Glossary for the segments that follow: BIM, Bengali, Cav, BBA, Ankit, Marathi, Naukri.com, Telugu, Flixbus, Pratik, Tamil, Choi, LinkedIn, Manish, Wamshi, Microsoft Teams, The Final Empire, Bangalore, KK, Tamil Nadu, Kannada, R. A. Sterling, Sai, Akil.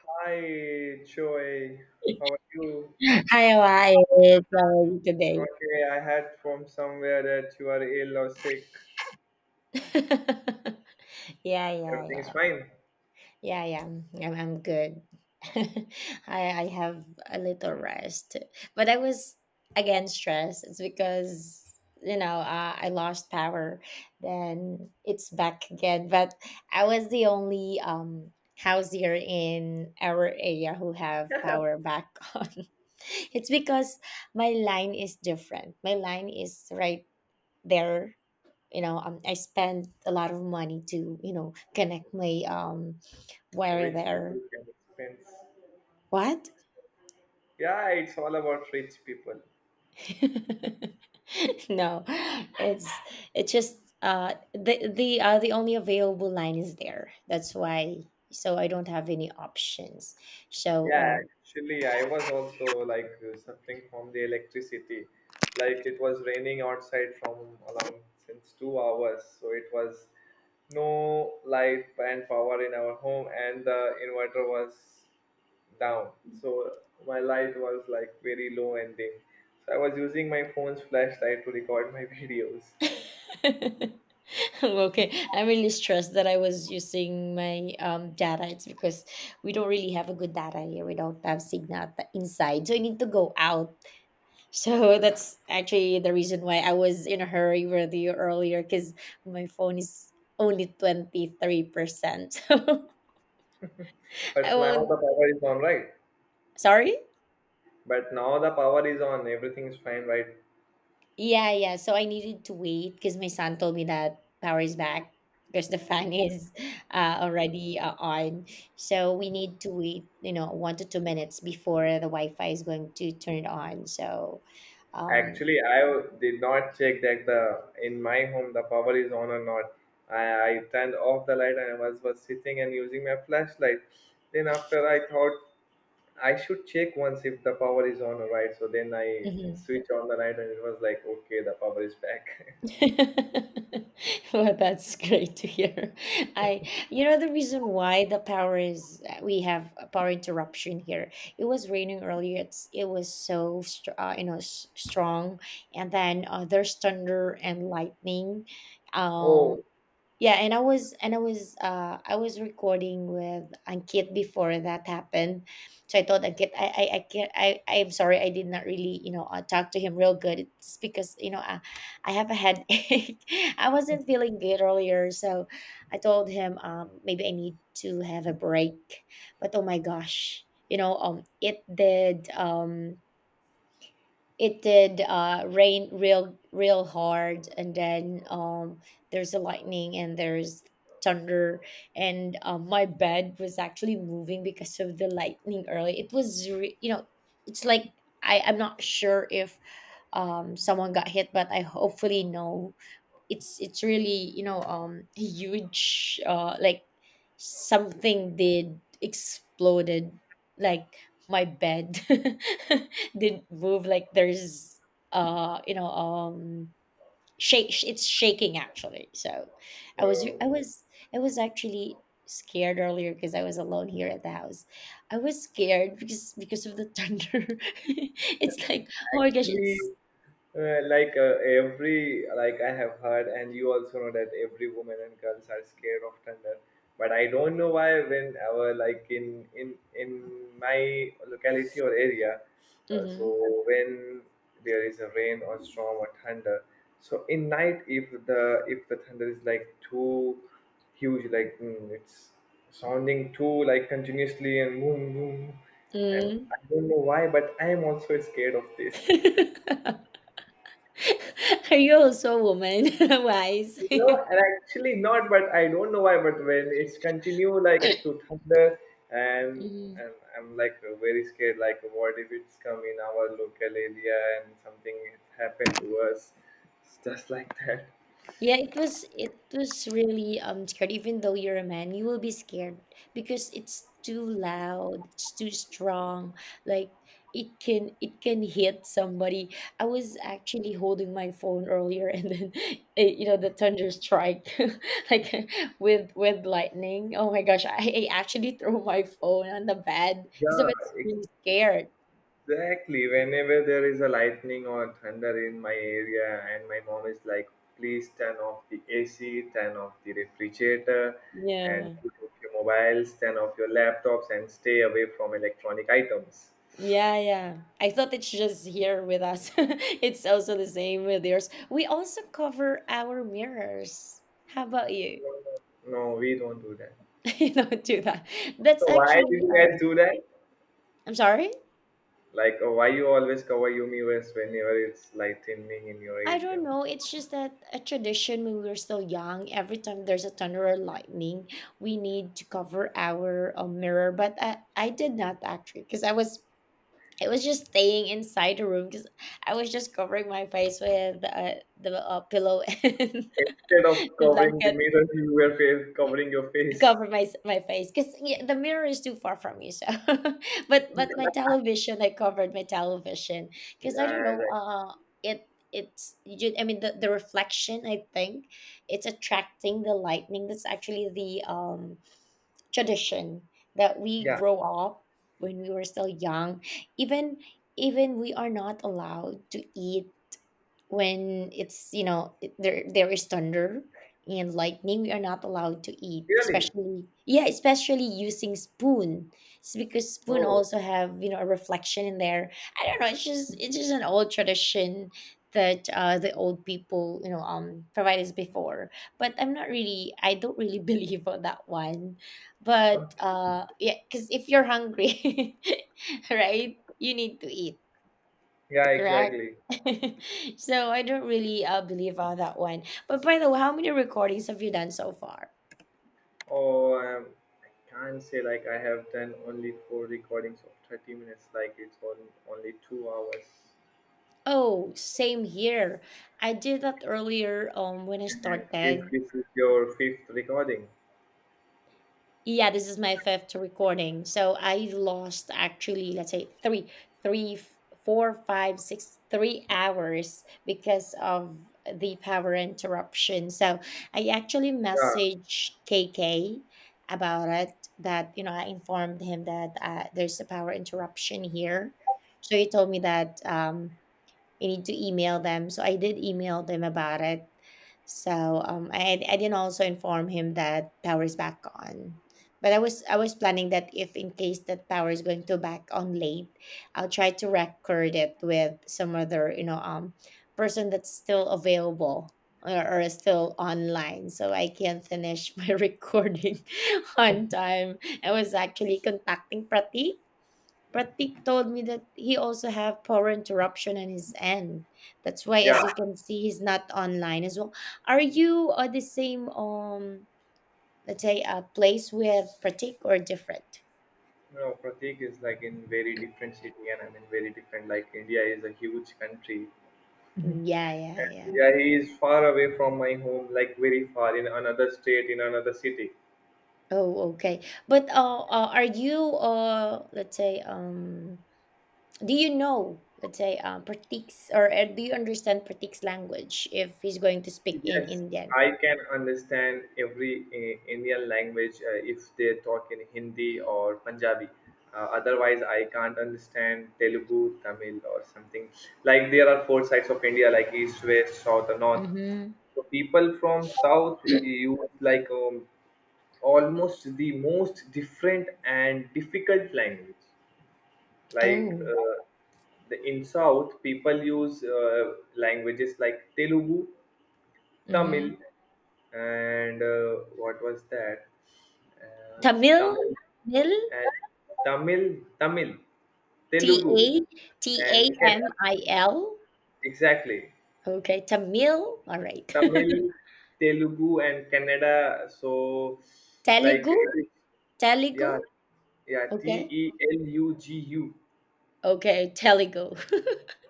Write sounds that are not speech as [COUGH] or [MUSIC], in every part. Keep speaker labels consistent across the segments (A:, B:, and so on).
A: Hi, Choi. How are you?
B: Hi, why, it's today.
A: Okay, I heard from somewhere that you are ill or sick.
B: [LAUGHS] Yeah, yeah,
A: Everything's
B: yeah,
A: fine.
B: yeah, yeah. I'm good. [LAUGHS] I have a little rest, but I was again stressed. It's because I lost power. Then it's back again. But I was the only house here in our area who have
A: [LAUGHS]
B: power back [LAUGHS] on. It's because my line is different. My line is right there, I spent a lot of money to connect my wire
A: Rich people
B: there.
A: can expense.
B: What?
A: Yeah, it's all about rich people.
B: [LAUGHS] No, it's it's just the only available line is there, that's why, so I don't have any options
A: Yeah,
B: so.
A: actually, I was also like suffering from the electricity. Like it was raining outside from around since 2 hours, so it was no light and power in our home, and the inverter was down. So my light was like very low ending. So I was using my phone's flashlight to record my [LAUGHS] videos.
B: um [LAUGHS] okay, I'm really stressed that I was using my data. It's because we don't really have a good data here, we don't have signal at the inside, so I need to go out. So that's actually the reason why I was in a hurry with you earlier because my phone is only 23%. [LAUGHS] So I
A: But now
B: won't.
A: the power is on, right?
B: Sorry?
A: But now the power is on, everything is fine, right?
B: Yeah, yeah. So I needed to wait because my son told me that power is back because the fan [LAUGHS] is already on. So we need to wait, 1 to 2 minutes before the Wi Fi is going to turn it on. So, um,
A: Actually, I did not check that the in my home the power is on or not. I turned off the light and I was sitting and using my flashlight. Then after I thought I should check once if the power is on or right. So then I
B: mm-hmm.
A: switch on the light and it was like, okay, the power is back.
B: [LAUGHS] Well, that's great to hear. I, the reason why the power is we have a power interruption here. It was raining earlier. It was so strong, and then there's thunder and lightning.
A: [LAUGHS]
B: Um,
A: Oh,
B: yeah, and I was recording with Ankit before that happened. So I told Ankit, I can't, I'm sorry, I did not really, talk to him real good. It's because, I have a headache. [LAUGHS] I wasn't feeling good earlier, so I told him maybe I need to have a break. But oh my gosh, it did rain real real hard, and then there's a lightning and there's thunder, and my bed was actually moving because of the lightning early. It was it's like, I'm not sure if someone got hit, but I hopefully no. It's really, huge, like something did exploded, like my bed [LAUGHS] did move, like there's uh you know um shake, it's shaking actually, so i was i
A: so
B: was I was actually scared earlier because I was alone here at the house. I was scared because of the thunder. [LAUGHS] It's like, oh my gosh,
A: actually.
B: it's.
A: Like every, like, I have heard and you also know that every woman and girls are scared of thunder, but I don't know why, whenever like in my locality or area. So
B: Mm-hmm.
A: when there is a rain or storm or thunder, so in night, if the thunder is like too huge, like it's sounding too like continuously and boom boom,
B: Mm.
A: and I don't know why, but I am also scared of this.
B: [LAUGHS] [LAUGHS] You're also a woman, [LAUGHS] Wise. [LAUGHS]
A: No, and actually not, but I don't know why. But when it's continue like to thunder, and
B: Mm.
A: and I'm like very scared. Like, what if it's come in our local area and something happened to us? It's just like that.
B: Yeah, it was really scared. Even though you're a man, you will be scared because it's too loud, it's too strong. Like it can hit somebody. I was actually holding my phone earlier, and then [LAUGHS] the thunder strike, [LAUGHS] like with lightning. Oh my gosh, I actually threw my phone on the bed because I
A: Yeah,
B: was really scared.
A: exactly. Whenever there is a lightning or thunder in my area, and my mom is like, please turn off the AC, turn off the refrigerator, and
B: Yeah.
A: put off your mobiles, turn off your laptops, and stay away from electronic items.
B: Yeah, yeah. I thought it's just here with us. [LAUGHS] It's also the same with yours. We also cover our mirrors. How about you?
A: No, we don't do that.
B: [LAUGHS] You don't do that. That's
A: So why do
B: actually
A: you guys do that?
B: I'm sorry?
A: Like, why you always cover your mirrors whenever it's light evening in your
B: I don't
A: area?
B: know. It's just that a tradition when we were still young, every time there's a thunder or lightning, we need to cover our mirror. But I did not actually because I was just staying inside the room because I was just covering my face with the pillow [LAUGHS] and
A: Instead of
B: the
A: covering the
B: blanket.
A: mirror, [LAUGHS] you were face, covering your face.
B: Cover my face because, yeah, the mirror is too far from you, so. [LAUGHS] But my television, I covered my television because I don't
A: Yeah,
B: know,
A: like,
B: it it's you ju- I mean, the reflection, I think it's attracting the lightning. That's actually the tradition that we
A: yeah.
B: grow up when we were still young. Even even we are not allowed to eat when it's you know it- there is thunder and lightning, we are not allowed to eat,
A: Really?
B: especially, yeah, especially using spoon. It's because spoon
A: Oh,
B: also have, a reflection in there. I don't know, it's just an old tradition that, the old people, provided us before. But I don't really [LAUGHS] believe on that one. But
A: okay.
B: yeah, because if you're hungry, [LAUGHS] right, you need to eat.
A: Yeah,
B: Correct.
A: exactly.
B: [LAUGHS] So I don't really believe on that one. But by the way, how many recordings have you done so far?
A: Oh, I can't say like I have done only four recordings of 30 minutes. Like it's on only 2 hours.
B: Oh, same here. I did that earlier when I
A: And then if
B: started.
A: this is your fifth recording,
B: Yeah, this is my fifth recording. So I lost, actually, let's say three, three, f- four, five, six, 3 hours because of the power interruption. So I actually
A: yeah,
B: messaged KK about it that, I informed him that there's a power interruption here. So he told me that you need to email them. So I did email them about it. So, I didn't also inform him that power is back on. But I was planning that if in case that power is going to back on late, I'll try to record it with some other, person that's still available, or is still online, so I can finish [LAUGHS] my recording on time. I was actually contacting Prati. Pratik told me that he also have power interruption on his end. That's why,
A: yeah.
B: as you can see, he's not online as well. Are you at the same let's say place with Pratik or different?
A: No, no, Pratik is like in very different city and I'm in very different. Like India is a huge country.
B: Yeah, yeah, yeah.
A: Yeah, he is far away from my home, like very far in another state, in another city.
B: Oh, okay. But are you let's say, do you know, let's say, Pratik's, or do you understand Pratik's language if he's going to speak in
A: Yes,
B: Indian?
A: I can understand every Indian language if they talk in Hindi or Punjabi. Otherwise, I can't understand Telugu, Tamil, or something. Like there are four sides of India, like east, west, south, and north.
B: Mm-hmm.
A: So people from south use like almost the most different and difficult language, like
B: Oh.
A: the in south people use languages like Telugu, Tamil,
B: Mm-hmm.
A: and what was that, uh,
B: Tamil?
A: Tamil.
B: Mil?
A: And Tamil, tamil
B: T
A: Telugu,
B: A T
A: and
B: A
A: Ken-
B: M I L.
A: exactly,
B: Okay, Tamil. All right.
A: Tamil,
B: [LAUGHS]
A: Telugu, and Kannada. So like
B: Telugu,
A: it is.
B: Telugu.
A: Yeah, yeah, T
B: Okay,
A: E L U G U.
B: okay, Telugu.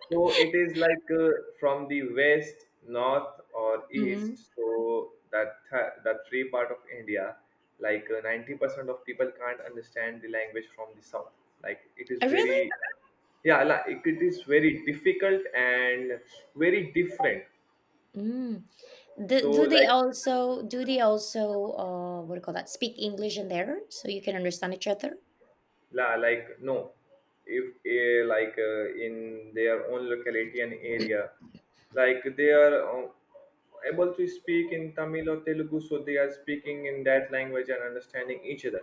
A: So it is like from the west, north, or
B: [LAUGHS] Hmm,
A: east. So that that three part of India, like 90% of people can't understand the language from the south. Like it is
B: really?
A: very, yeah, like it is very difficult and very different.
B: Mm. Do,
A: So
B: do they
A: like,
B: also, what do you call that? Speak English in there so you can understand each other?
A: Like, no, if like in their own locality and area, like they are able to speak in Tamil or Telugu, so they are speaking in that language and understanding each other.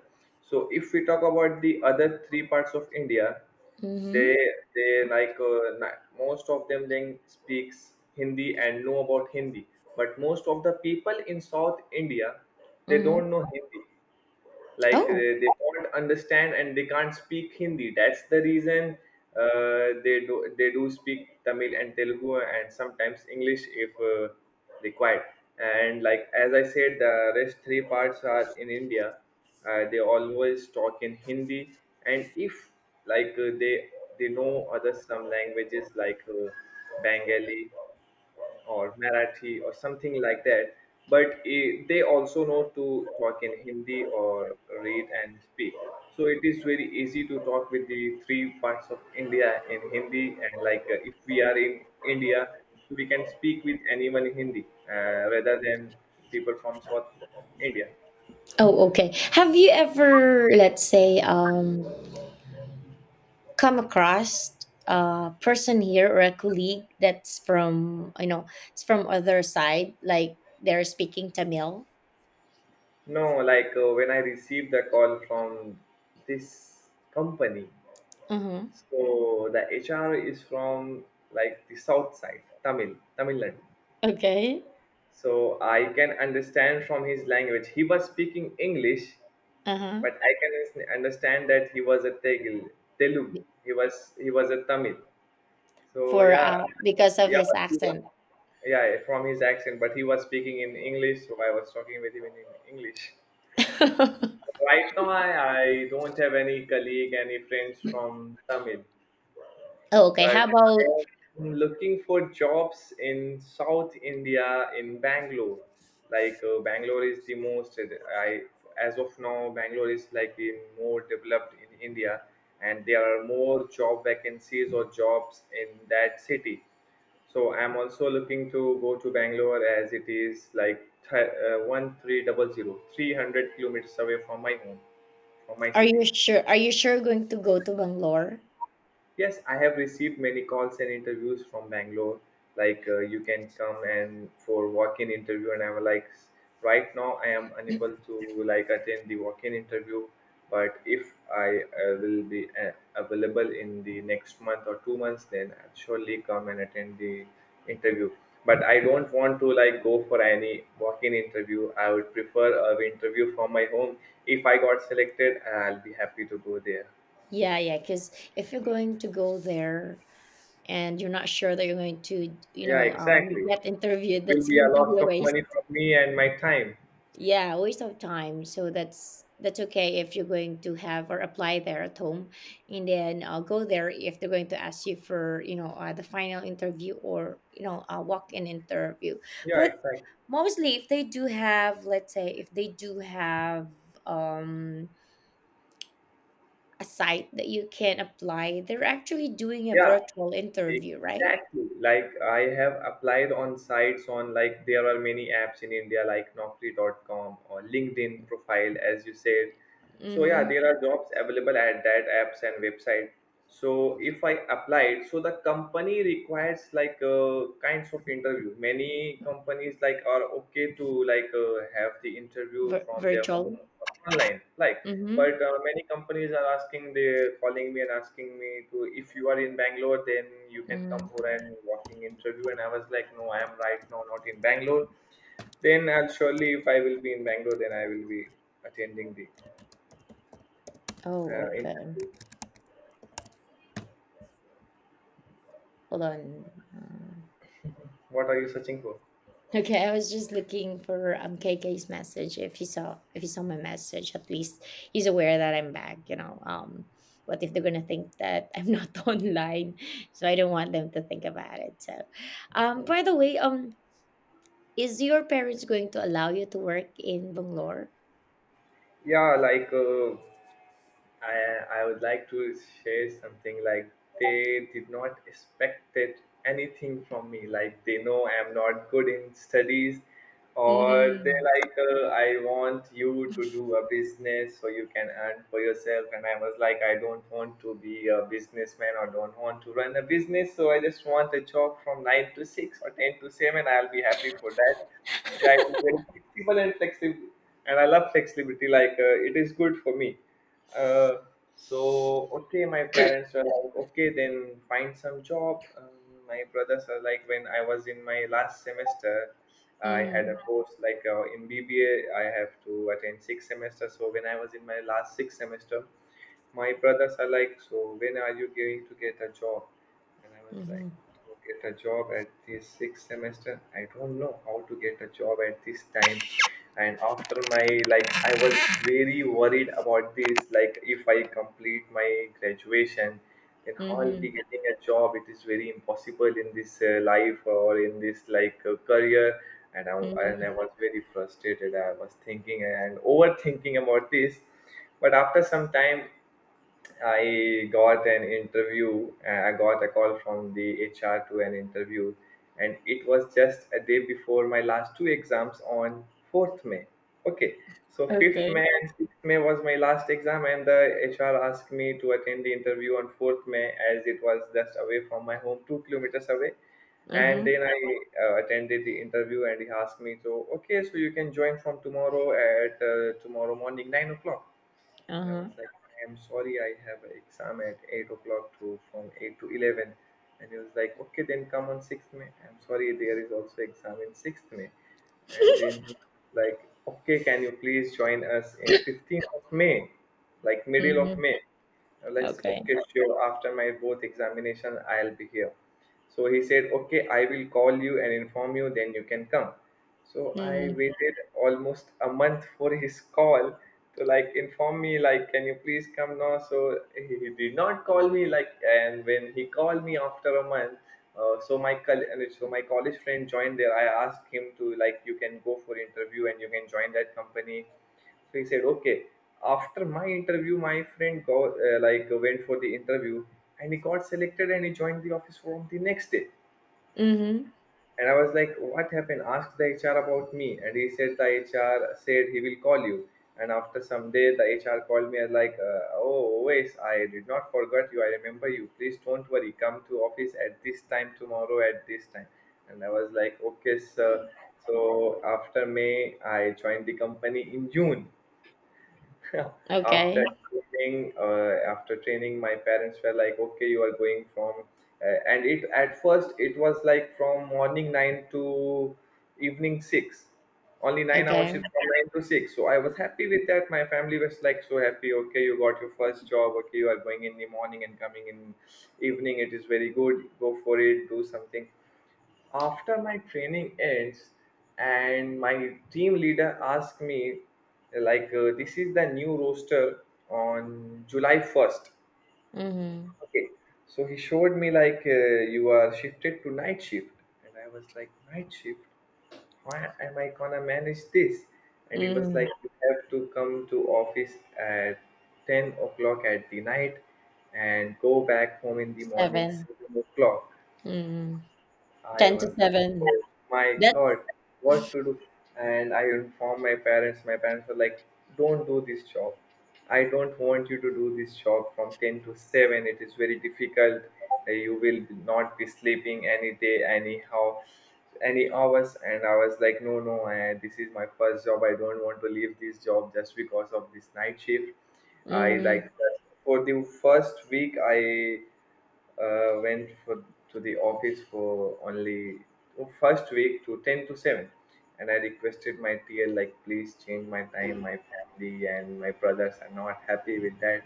A: So if we talk about the other three parts of India, they
B: Mm-hmm.
A: they like most of them then speaks Hindi and know about Hindi, but most of the people in South India, they
B: Mm-hmm.
A: don't know Hindi, like
B: Oh.
A: they do not understand and they can't speak Hindi. That's the reason they do speak Tamil and Telugu, and sometimes English if required. And, like as I said, the rest three parts are in India. They always talk in Hindi. And if like they know other some languages like Bengali or Marathi or something like that. But they also know to talk in Hindi or read and speak. So it is very easy to talk with the three parts of India in Hindi. And like if we are in India, we can speak with anyone in Hindi rather than people from South India.
B: Oh, okay. Have you ever, let's say, come across a person here or a colleague that's from, it's from other side, like they're speaking Tamil.
A: No, like when I received the call from this company,
B: Hmm,
A: so the HR is from like the south side, Tamil, Tamil Nadu.
B: okay.
A: So I can understand from his language. He was speaking English, but
B: Uh-huh.
A: I can understand that he was a Telugu. He was a Tamil. So
B: For
A: yeah,
B: because of
A: yeah,
B: his
A: but he was,
B: accent.
A: yeah, from his accent. But he was speaking in English, so I was talking with him in English.
B: [LAUGHS]
A: Right now, I don't have any colleague, any friends from Tamil,
B: Oh, okay,
A: but
B: how about,
A: I'm looking for jobs in South India in Bangalore. Like Bangalore is the most. I, as of now, Bangalore is like the more developed in India, and there are more job vacancies or jobs in that city. So I'm also looking to go to Bangalore as it is like 1300 kilometers away from my home, from my
B: are
A: city.
B: you sure are you sure going to go to Bangalore?
A: Yes, I have received many calls and interviews from Bangalore. Like you can come and for walk-in interview, and I'm like, right now I am unable to like attend the walk-in interview, but if I will be available in the next month or 2 months, then I'll surely come and attend the interview. But I don't want to like go for any walk-in interview. I would prefer a interview from my home. If I got selected, I'll be happy to go there.
B: Yeah, yeah, because if you're going to go there and you're not sure that you're going to
A: Yeah, exactly.
B: get
A: It
B: interviewed,
A: will
B: that's
A: be a
B: going to be
A: loss
B: a
A: of
B: waste.
A: money for me and my time.
B: Yeah, waste of time. So that's okay if you're going to have or apply there at home, and then I'll go there if they're going to ask you for, the final interview or, a walk-in interview.
A: Yeah,
B: But
A: exactly.
B: mostly, if they do have, let's say, if they do have um a site that you can apply, they're actually doing a
A: Yeah,
B: virtual interview, right?
A: exactly. Like I have applied on sites on, like, there are many apps in India like Naukri.com or LinkedIn profile, as you said. So yeah,
B: Mm-hmm.
A: there are jobs available at that apps and website. So if I applied, so the company requires like kinds of interview. Many companies like are okay to like have the interview from their home
B: Virtual.
A: online. Like, but
B: Mm-hmm.
A: many companies are asking, they're calling me and asking me to, if you are in Bangalore, then you can come
B: Mm-hmm.
A: for an walking interview. And I was like, no, I am right now not in Bangalore. Then I'll surely, if I will be in Bangalore, then I will be attending the
B: Oh, okay.
A: interview.
B: Hold on. Uh,
A: What are you searching for?
B: Okay, I was just looking for KK's message. If he saw my message, at least he's aware that I'm back. What if they're gonna think that I'm not [LAUGHS] online? So I don't want them to think about it. So, by the way, is your parents going to allow you to work in Bangalore?
A: Yeah, like I would like to share something, like they did not expect it anything from me. Like they know I'm not good in studies, or they
B: Mm-hmm.
A: like I want you to do a business so you can earn for yourself. And I was like, I don't want to be a businessman or don't want to run a business. So I just want a job from nine to six or ten to seven. I'll be happy for that. Yeah, it is very flexible and flexible, and I love flexibility. Like it is good for me, uh, so, okay, my parents were like, okay, then find some job. My brothers are like, when I was in my last semester, I had a
B: Mm-hmm.
A: course like in BBA. Have to attend six semesters. So when I was in my last six semester, my brothers are like, so when are you going to get a job? And I was like,
B: Mm-hmm.
A: to get a job at this sixth semester. I don't know how to get a job at this time. And after my, like, I was very worried about this. Like, if I complete my graduation, then how I'll be
B: Mm-hmm.
A: getting a job? It is very impossible in this life or in this like career. And I, and
B: Mm-hmm.
A: I was very frustrated. I was thinking and overthinking about this. But after some time, I got an interview. I got a call from the HR to an interview, and it was just a day before my last two exams on 4th May. Okay, so 5th
B: Okay.
A: May and 6th May was my last exam, and the HR asked me to attend the interview on 4th May as it was just away from my home, 2 kilometers away. And
B: Uh-huh.
A: then I attended the interview, and he asked me, so okay, so you can join from tomorrow at tomorrow morning 9 o'clock. And I
B: Uh-huh.
A: was like, I'm sorry, I have an exam at 8 o'clock to from 8 to 11. And he was like, okay, then come on 6th May. I'm sorry, there is also exam in 6th May. And then he was like, okay, can you please join us in
B: [LAUGHS]
A: 15th of May, like middle of
B: Mm-hmm.
A: May? I was like,
B: Okay.
A: okay, sure. After my both examination, I'll be here. So he said, okay, I will call you and inform you. Then you can come. So I
B: Mm-hmm.
A: waited almost a month for his call to like inform me, like, can you please come now? So he did not call me, like, and when he called me after a month, my college friend joined there. I asked him to like, you can go for interview and you can join that company. So he said, okay. After my interview, my friend got like went for the interview, and he got selected and he joined the office from the next day. And I was like, what happened? Asked the HR about me, and he said the HR said he will call you. And after some day, the HR called me and like, oh, Oasis, I did not forget you. I remember you. Please don't worry. Come to office at this time tomorrow at this time. And I was like, okay, sir. So after May, I joined the company in June [LAUGHS] after
B: Okay.
A: training, my parents were like, "Okay, you are going from," and it at first it was like from morning 9 to evening 6, only 9 hour
B: Okay.
A: shift from 9 to 6. So I was happy with that. My family was like so happy. Okay, you got your first job. Okay, you are going in the morning and coming in evening. It is very good. Go for it. Do something after my training ends, and my team leader asked me like, this is the new roster on july 1st,
B: Mm-hmm.
A: okay. So he showed me like, you are shifted to night shift. And I was like, night shift, why am I gonna manage this? And he was like,
B: Mhm.
A: you have to come to office at 10 o'clock at the night and go back home in the morning
B: 7.
A: 7 o'clock.
B: Mhm.
A: I
B: 10 to
A: was like,
B: 7.
A: oh my
B: That's,
A: God, what to do? And I informed my parents. My parents were like, don't do this job. I don't want you to do this job from 10 to 7. It is very difficult. You will not be sleeping any day, anyhow, any hours. And I was like, no, no, this is my first job. I don't want to leave this job just because of this night shift. I
B: mhm,
A: like for the first week, I went for to the office for only, oh, first week to 10 to 7. And I requested my TL, like, please change my time, my family and my brothers are not happy with that.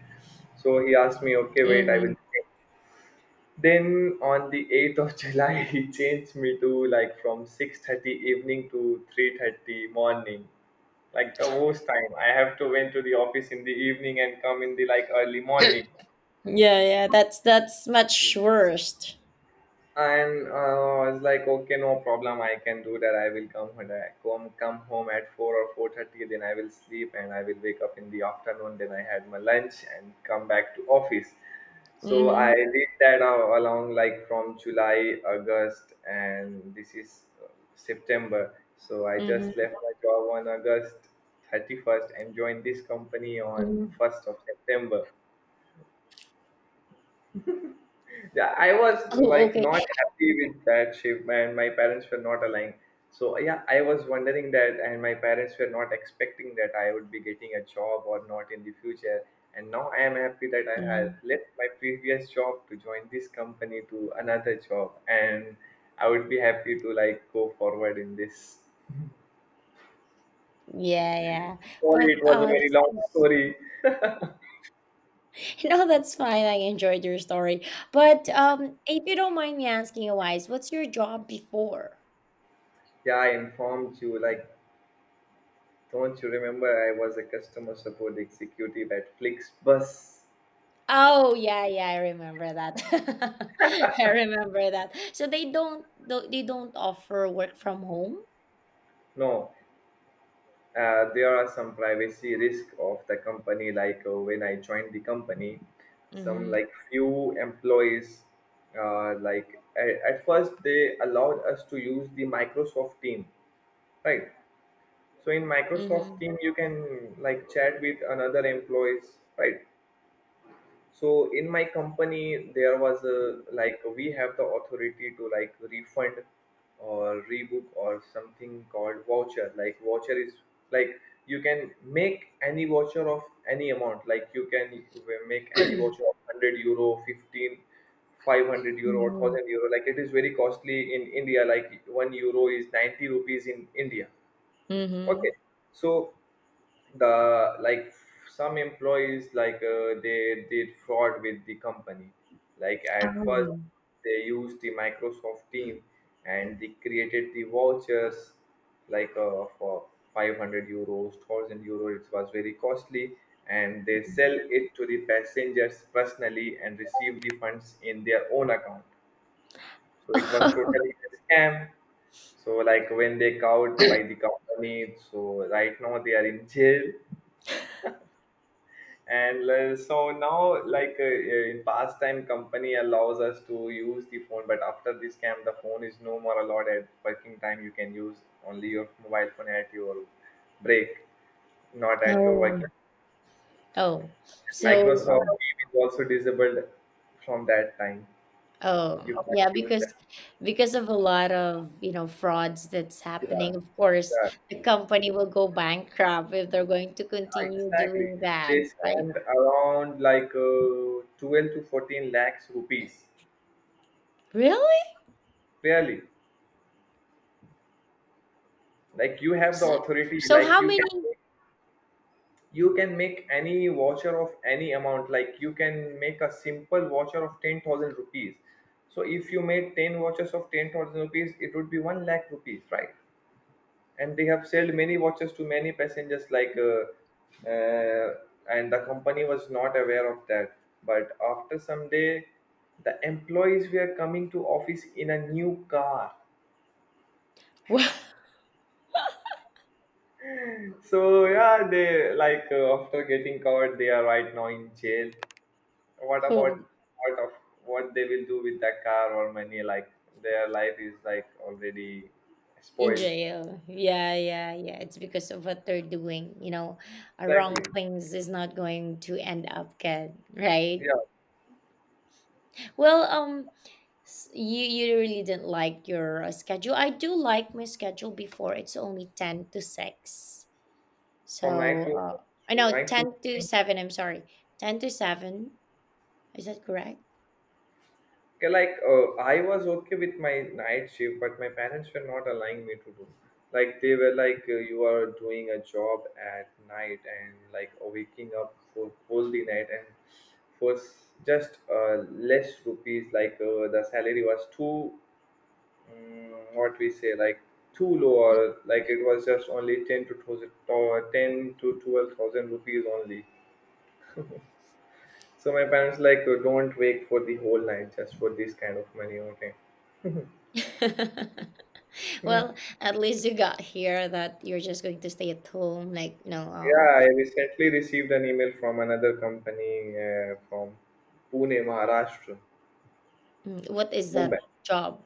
A: So he asked me, okay wait, I
B: mhm.
A: will change." Then on the 8th of [LAUGHS] july he changed me to like from 6:30 evening to 3:30 morning, like the worst time. I have to went to the office in the evening and come in the like early morning.
B: Yeah, yeah, that's much worst.
A: And I was like, okay, no problem. I can do that. I will come when I come home at 4 or 4:30. Then I will sleep and I will wake up in the afternoon. Then I had my lunch and come back to office. So I
B: Mhm,
A: did that along like from July, August, and this is September. So I
B: mhm,
A: just left my job on August 31st and joined this company on
B: mhm.
A: 1st of September. Yeah, I was
B: Oh,
A: like
B: okay.
A: not happy with that shape, and my parents were not aligned. So yeah, I was wondering that, and my parents were not expecting that I would be getting a job or not in the future. And now I am happy that I have
B: Mhm.
A: left my previous job to join this company to another job, and I would be happy to like go forward in this.
B: Yeah, yeah.
A: Sorry,
B: But
A: it was a very
B: this
A: long
B: is
A: story.
B: [LAUGHS] no, that's fine. I enjoyed your story. But if you don't mind me asking you, Wise, what's your job before?
A: Yeah, I informed you. Like, don't you remember? I was a customer support executive at Flixbus.
B: Oh, yeah, yeah, I remember that. [LAUGHS] I remember that. So they don't, they don't offer work from home?
A: No, there are some privacy risk of the company. Like, when I joined the company, some
B: Mhm.
A: like few employees, at first they allowed us to use the Microsoft team, right? So in Microsoft
B: Mhm.
A: team, you can like chat with another employees, right? So in my company there was a, like, we have the authority to like refund or rebook or something called voucher. Like, voucher is like, you can make any voucher of any amount. Like, you can make any voucher
B: [CLEARS THROAT]
A: of €100 15, €500 or
B: Mhm.
A: €1,000. Like, it is very costly in india. Like 1 euro is 90 rupees in india. Okay,
B: Mhm.
A: so the, like, some employees like, they did fraud with the company, like at first
B: Oh.
A: they used the Microsoft team, and they created the vouchers, like, for €500 €1,000. It was very costly, and they sell it to the passengers personally and receive the funds in their own account. So it was
B: [LAUGHS]
A: totally a scam. So, like, when they caught by the company, so right now they are in jail. And so now, like, in past time company allows us to use the phone, but after the scam the phone is no more allowed at working time. You can use only your mobile phone at your break, not at your
B: Oh.
A: working.
B: Oh. So,
A: Microsoft Teams is also disabled from that time. You
B: oh, yeah,
A: can't use
B: because
A: that.
B: of a lot of, frauds that's
A: Yeah,
B: happening, of course,
A: yeah,
B: the company will go bankrupt if they're going to
A: yeah,
B: continue
A: exactly,
B: doing that,
A: they
B: right?
A: spend around like, 12 to 14 lakhs rupees,
B: Really?
A: really. Like, you have the
B: So,
A: authority,
B: so
A: like
B: how
A: you can
B: many?
A: do. You can make any voucher of any amount, like you can make a simple voucher of 10,000 rupees. So if you made 10 vouchers of 10,000 rupees, it would be 1 lakh rupees, right? And they have sold many watches to many passengers, like, and the company was not aware of that. But after some day, the employees were coming to office in a new car.
B: [LAUGHS]
A: So yeah, they, like, after getting caught they are right now in jail. What about,
B: Wow.
A: what of, what they will do with that car or money? Like, their life is like already
B: In
A: spoiled.
B: jail. Yeah, yeah, yeah. It's because of what they're doing. You know,
A: Exactly,
B: wrong things is not going to end up good, right?
A: yeah.
B: Well, you really didn't like your schedule. I do like my schedule before. It's only 10 to 6.
A: from night
B: So,
A: to
B: I
A: from
B: know
A: night to
B: ten to
A: morning.
B: seven. I'm sorry, 10 to 7. Is that correct?
A: Okay, like, I was okay with my night shift, but my parents were not allowing me to do. Like, they were like, you are doing a job at night and like waking up for whole the night, and for just less rupees. Like, the salary was too what we say, like, too low. Or like, it was just only 10 to 12 10 to 12,000 rupees only. So my parents like, don't wait for the whole night just for this kind of money, okay.
B: [LAUGHS] Well, at least you got here that you're just going to stay at home, like,
A: Yeah, I recently received an email from another company, from pune maharashtra,
B: What is
A: mumbai
B: that job?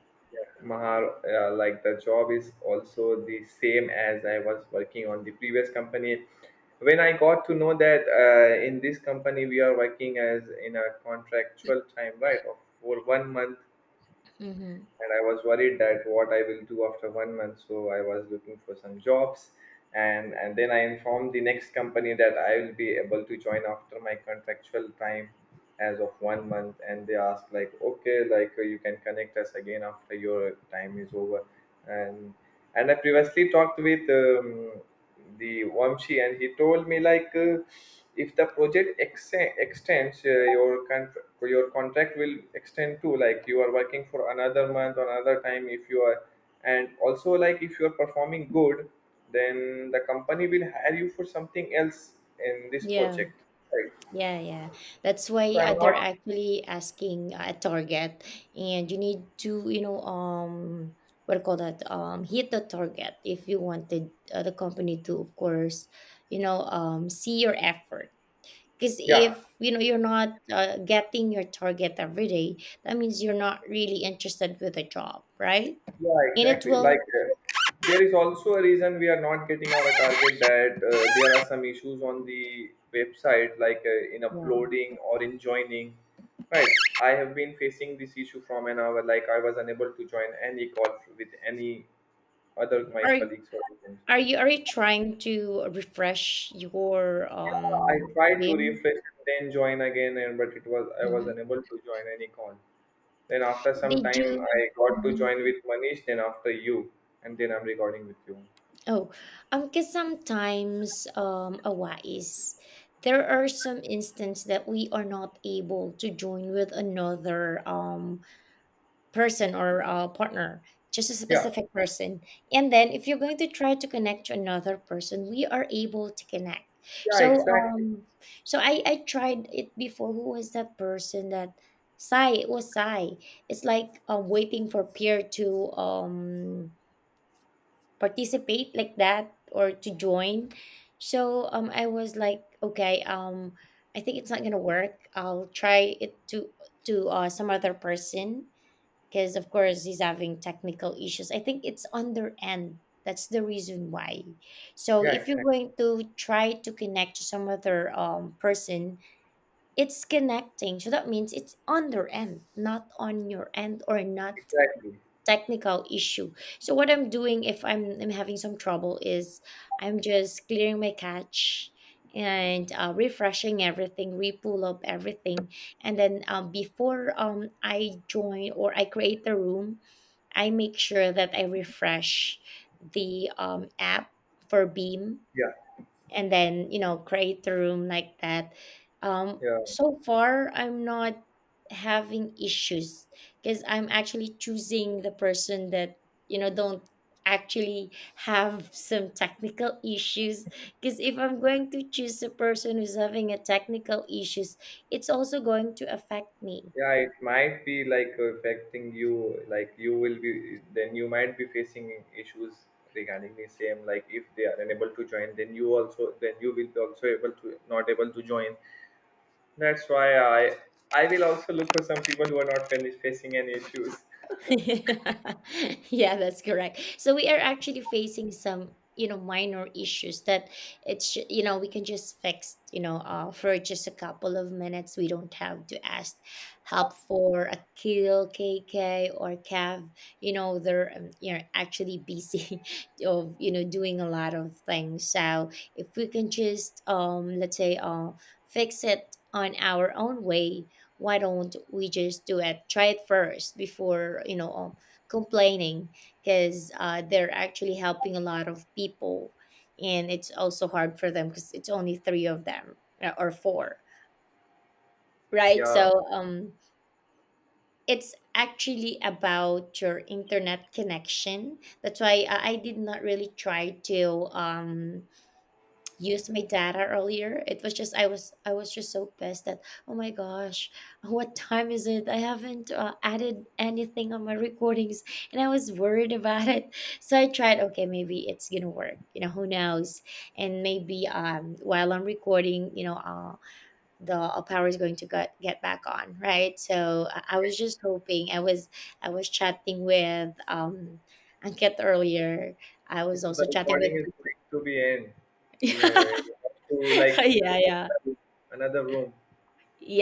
A: Mahar, like the job is also the same as I was working on the previous company. When I got to know that, in this company we are working as in a contractual time, right, of for one month,
B: Mm-hmm.
A: and I was worried that what I will do after one month. So I was looking for some jobs, and then I informed the next company that I will be able to join after my contractual time as of one month, and they asked like, okay, like, you can connect us again after your time is over. And I previously talked with, the Wamshi, and he told me like, if the project extends, your contract will extend too. Like, you are working for another month or another time if you are, and also like if you are performing good, then the company will hire you for something else in this
B: Yeah,
A: project. Right.
B: yeah, yeah. That's why
A: So I'm not.
B: they're actually asking a target, and you need to, you know, what do you call that? Hit the target if you wanted the company to, of course, you know, see your effort. Because
A: Yeah.
B: if you know you're not getting your target every day, that means you're not really interested with the job, right?
A: Yeah,
B: And it
A: exactly. Like,
B: will,
A: there is also a reason we are not getting our target, that there are some issues on the website, like, in
B: yeah.
A: uploading or in joining. Right. I have been facing this issue from an hour, like, I was unable to join any call with any other my
B: Are
A: colleagues or friends.
B: are you trying to refresh your
A: I tried to
B: BIM?
A: refresh, then join again, and but it was I was
B: Mhm.
A: unable to join any call. Then after some
B: Did
A: time,
B: you?
A: I got to
B: Mhm.
A: join with Manish, then after you, and then I'm recording with you.
B: Oh, because sometimes, there are some instances that we are not able to join with another person or partner, just a
A: Yeah,
B: specific person. And then, if you're going to try to connect to another person, we are able to connect.
A: yeah,
B: So,
A: exactly.
B: so I tried it before. Who was that person that? Sai, it was Sai. It's like waiting for peer to participate like that or to join. So I was like, okay, I think it's not gonna work. I'll try it to some other person because of course he's having technical issues. I think it's on their end. That's the reason why. So
A: Yeah,
B: if you're
A: exactly.
B: going to try to connect to some other person, it's connecting. So that means it's on their end, not on your end or not
A: Exactly.
B: technical issue. So what I'm doing if I'm having some trouble is I'm just clearing my cache and refreshing everything, repull up everything, and then before I join or I create the room, I make sure that I refresh the app for Beam,
A: Yeah,
B: and then you know create a room like that.
A: yeah,
B: So far I'm not having issues because I'm actually choosing the person that you know don't actually have some technical issues, because if I'm going to choose a person who's having a technical issues, it's also going to affect me.
A: yeah. It might be like affecting you. Like, you will be, then you might be facing issues regarding the same. Like, if they are unable to join, then you also, then you will be also able to not able to join. That's why I will also look for some people who are not facing any issues.
B: [LAUGHS] Yeah, that's correct. So we are actually facing some, you know, minor issues that you know, we can just fix, you know, for just a couple of minutes. We don't have to ask help for a Akil, KK, or Cav. You know, they're, you know, actually busy [LAUGHS] of, you know, doing a lot of things. So if we can just, let's say, fix it on our own way. Why don't we just do it, try it first before you know complaining, because they're actually helping a lot of people, and it's also hard for them because it's only three of them, or four, right?
A: Yeah.
B: So it's actually about your internet connection. That's why I did not really try to um used my data earlier. It was just I was just so pissed that oh my gosh, [LAUGHS] what time is it? I haven't added anything on my recordings and I was worried about it. So I tried, okay, maybe it's gonna work, you know, who knows. And maybe while I'm recording you know the power is going to get back on, right? So I was just hoping. I was chatting with Anket earlier. I
A: Okay,
B: was
A: so
B: also
A: the
B: chatting with
A: recording is going to be end.
B: [LAUGHS]
A: We have,
B: yeah
A: we have to like to go
B: yeah
A: to
B: yeah
A: another room.
B: Yeah.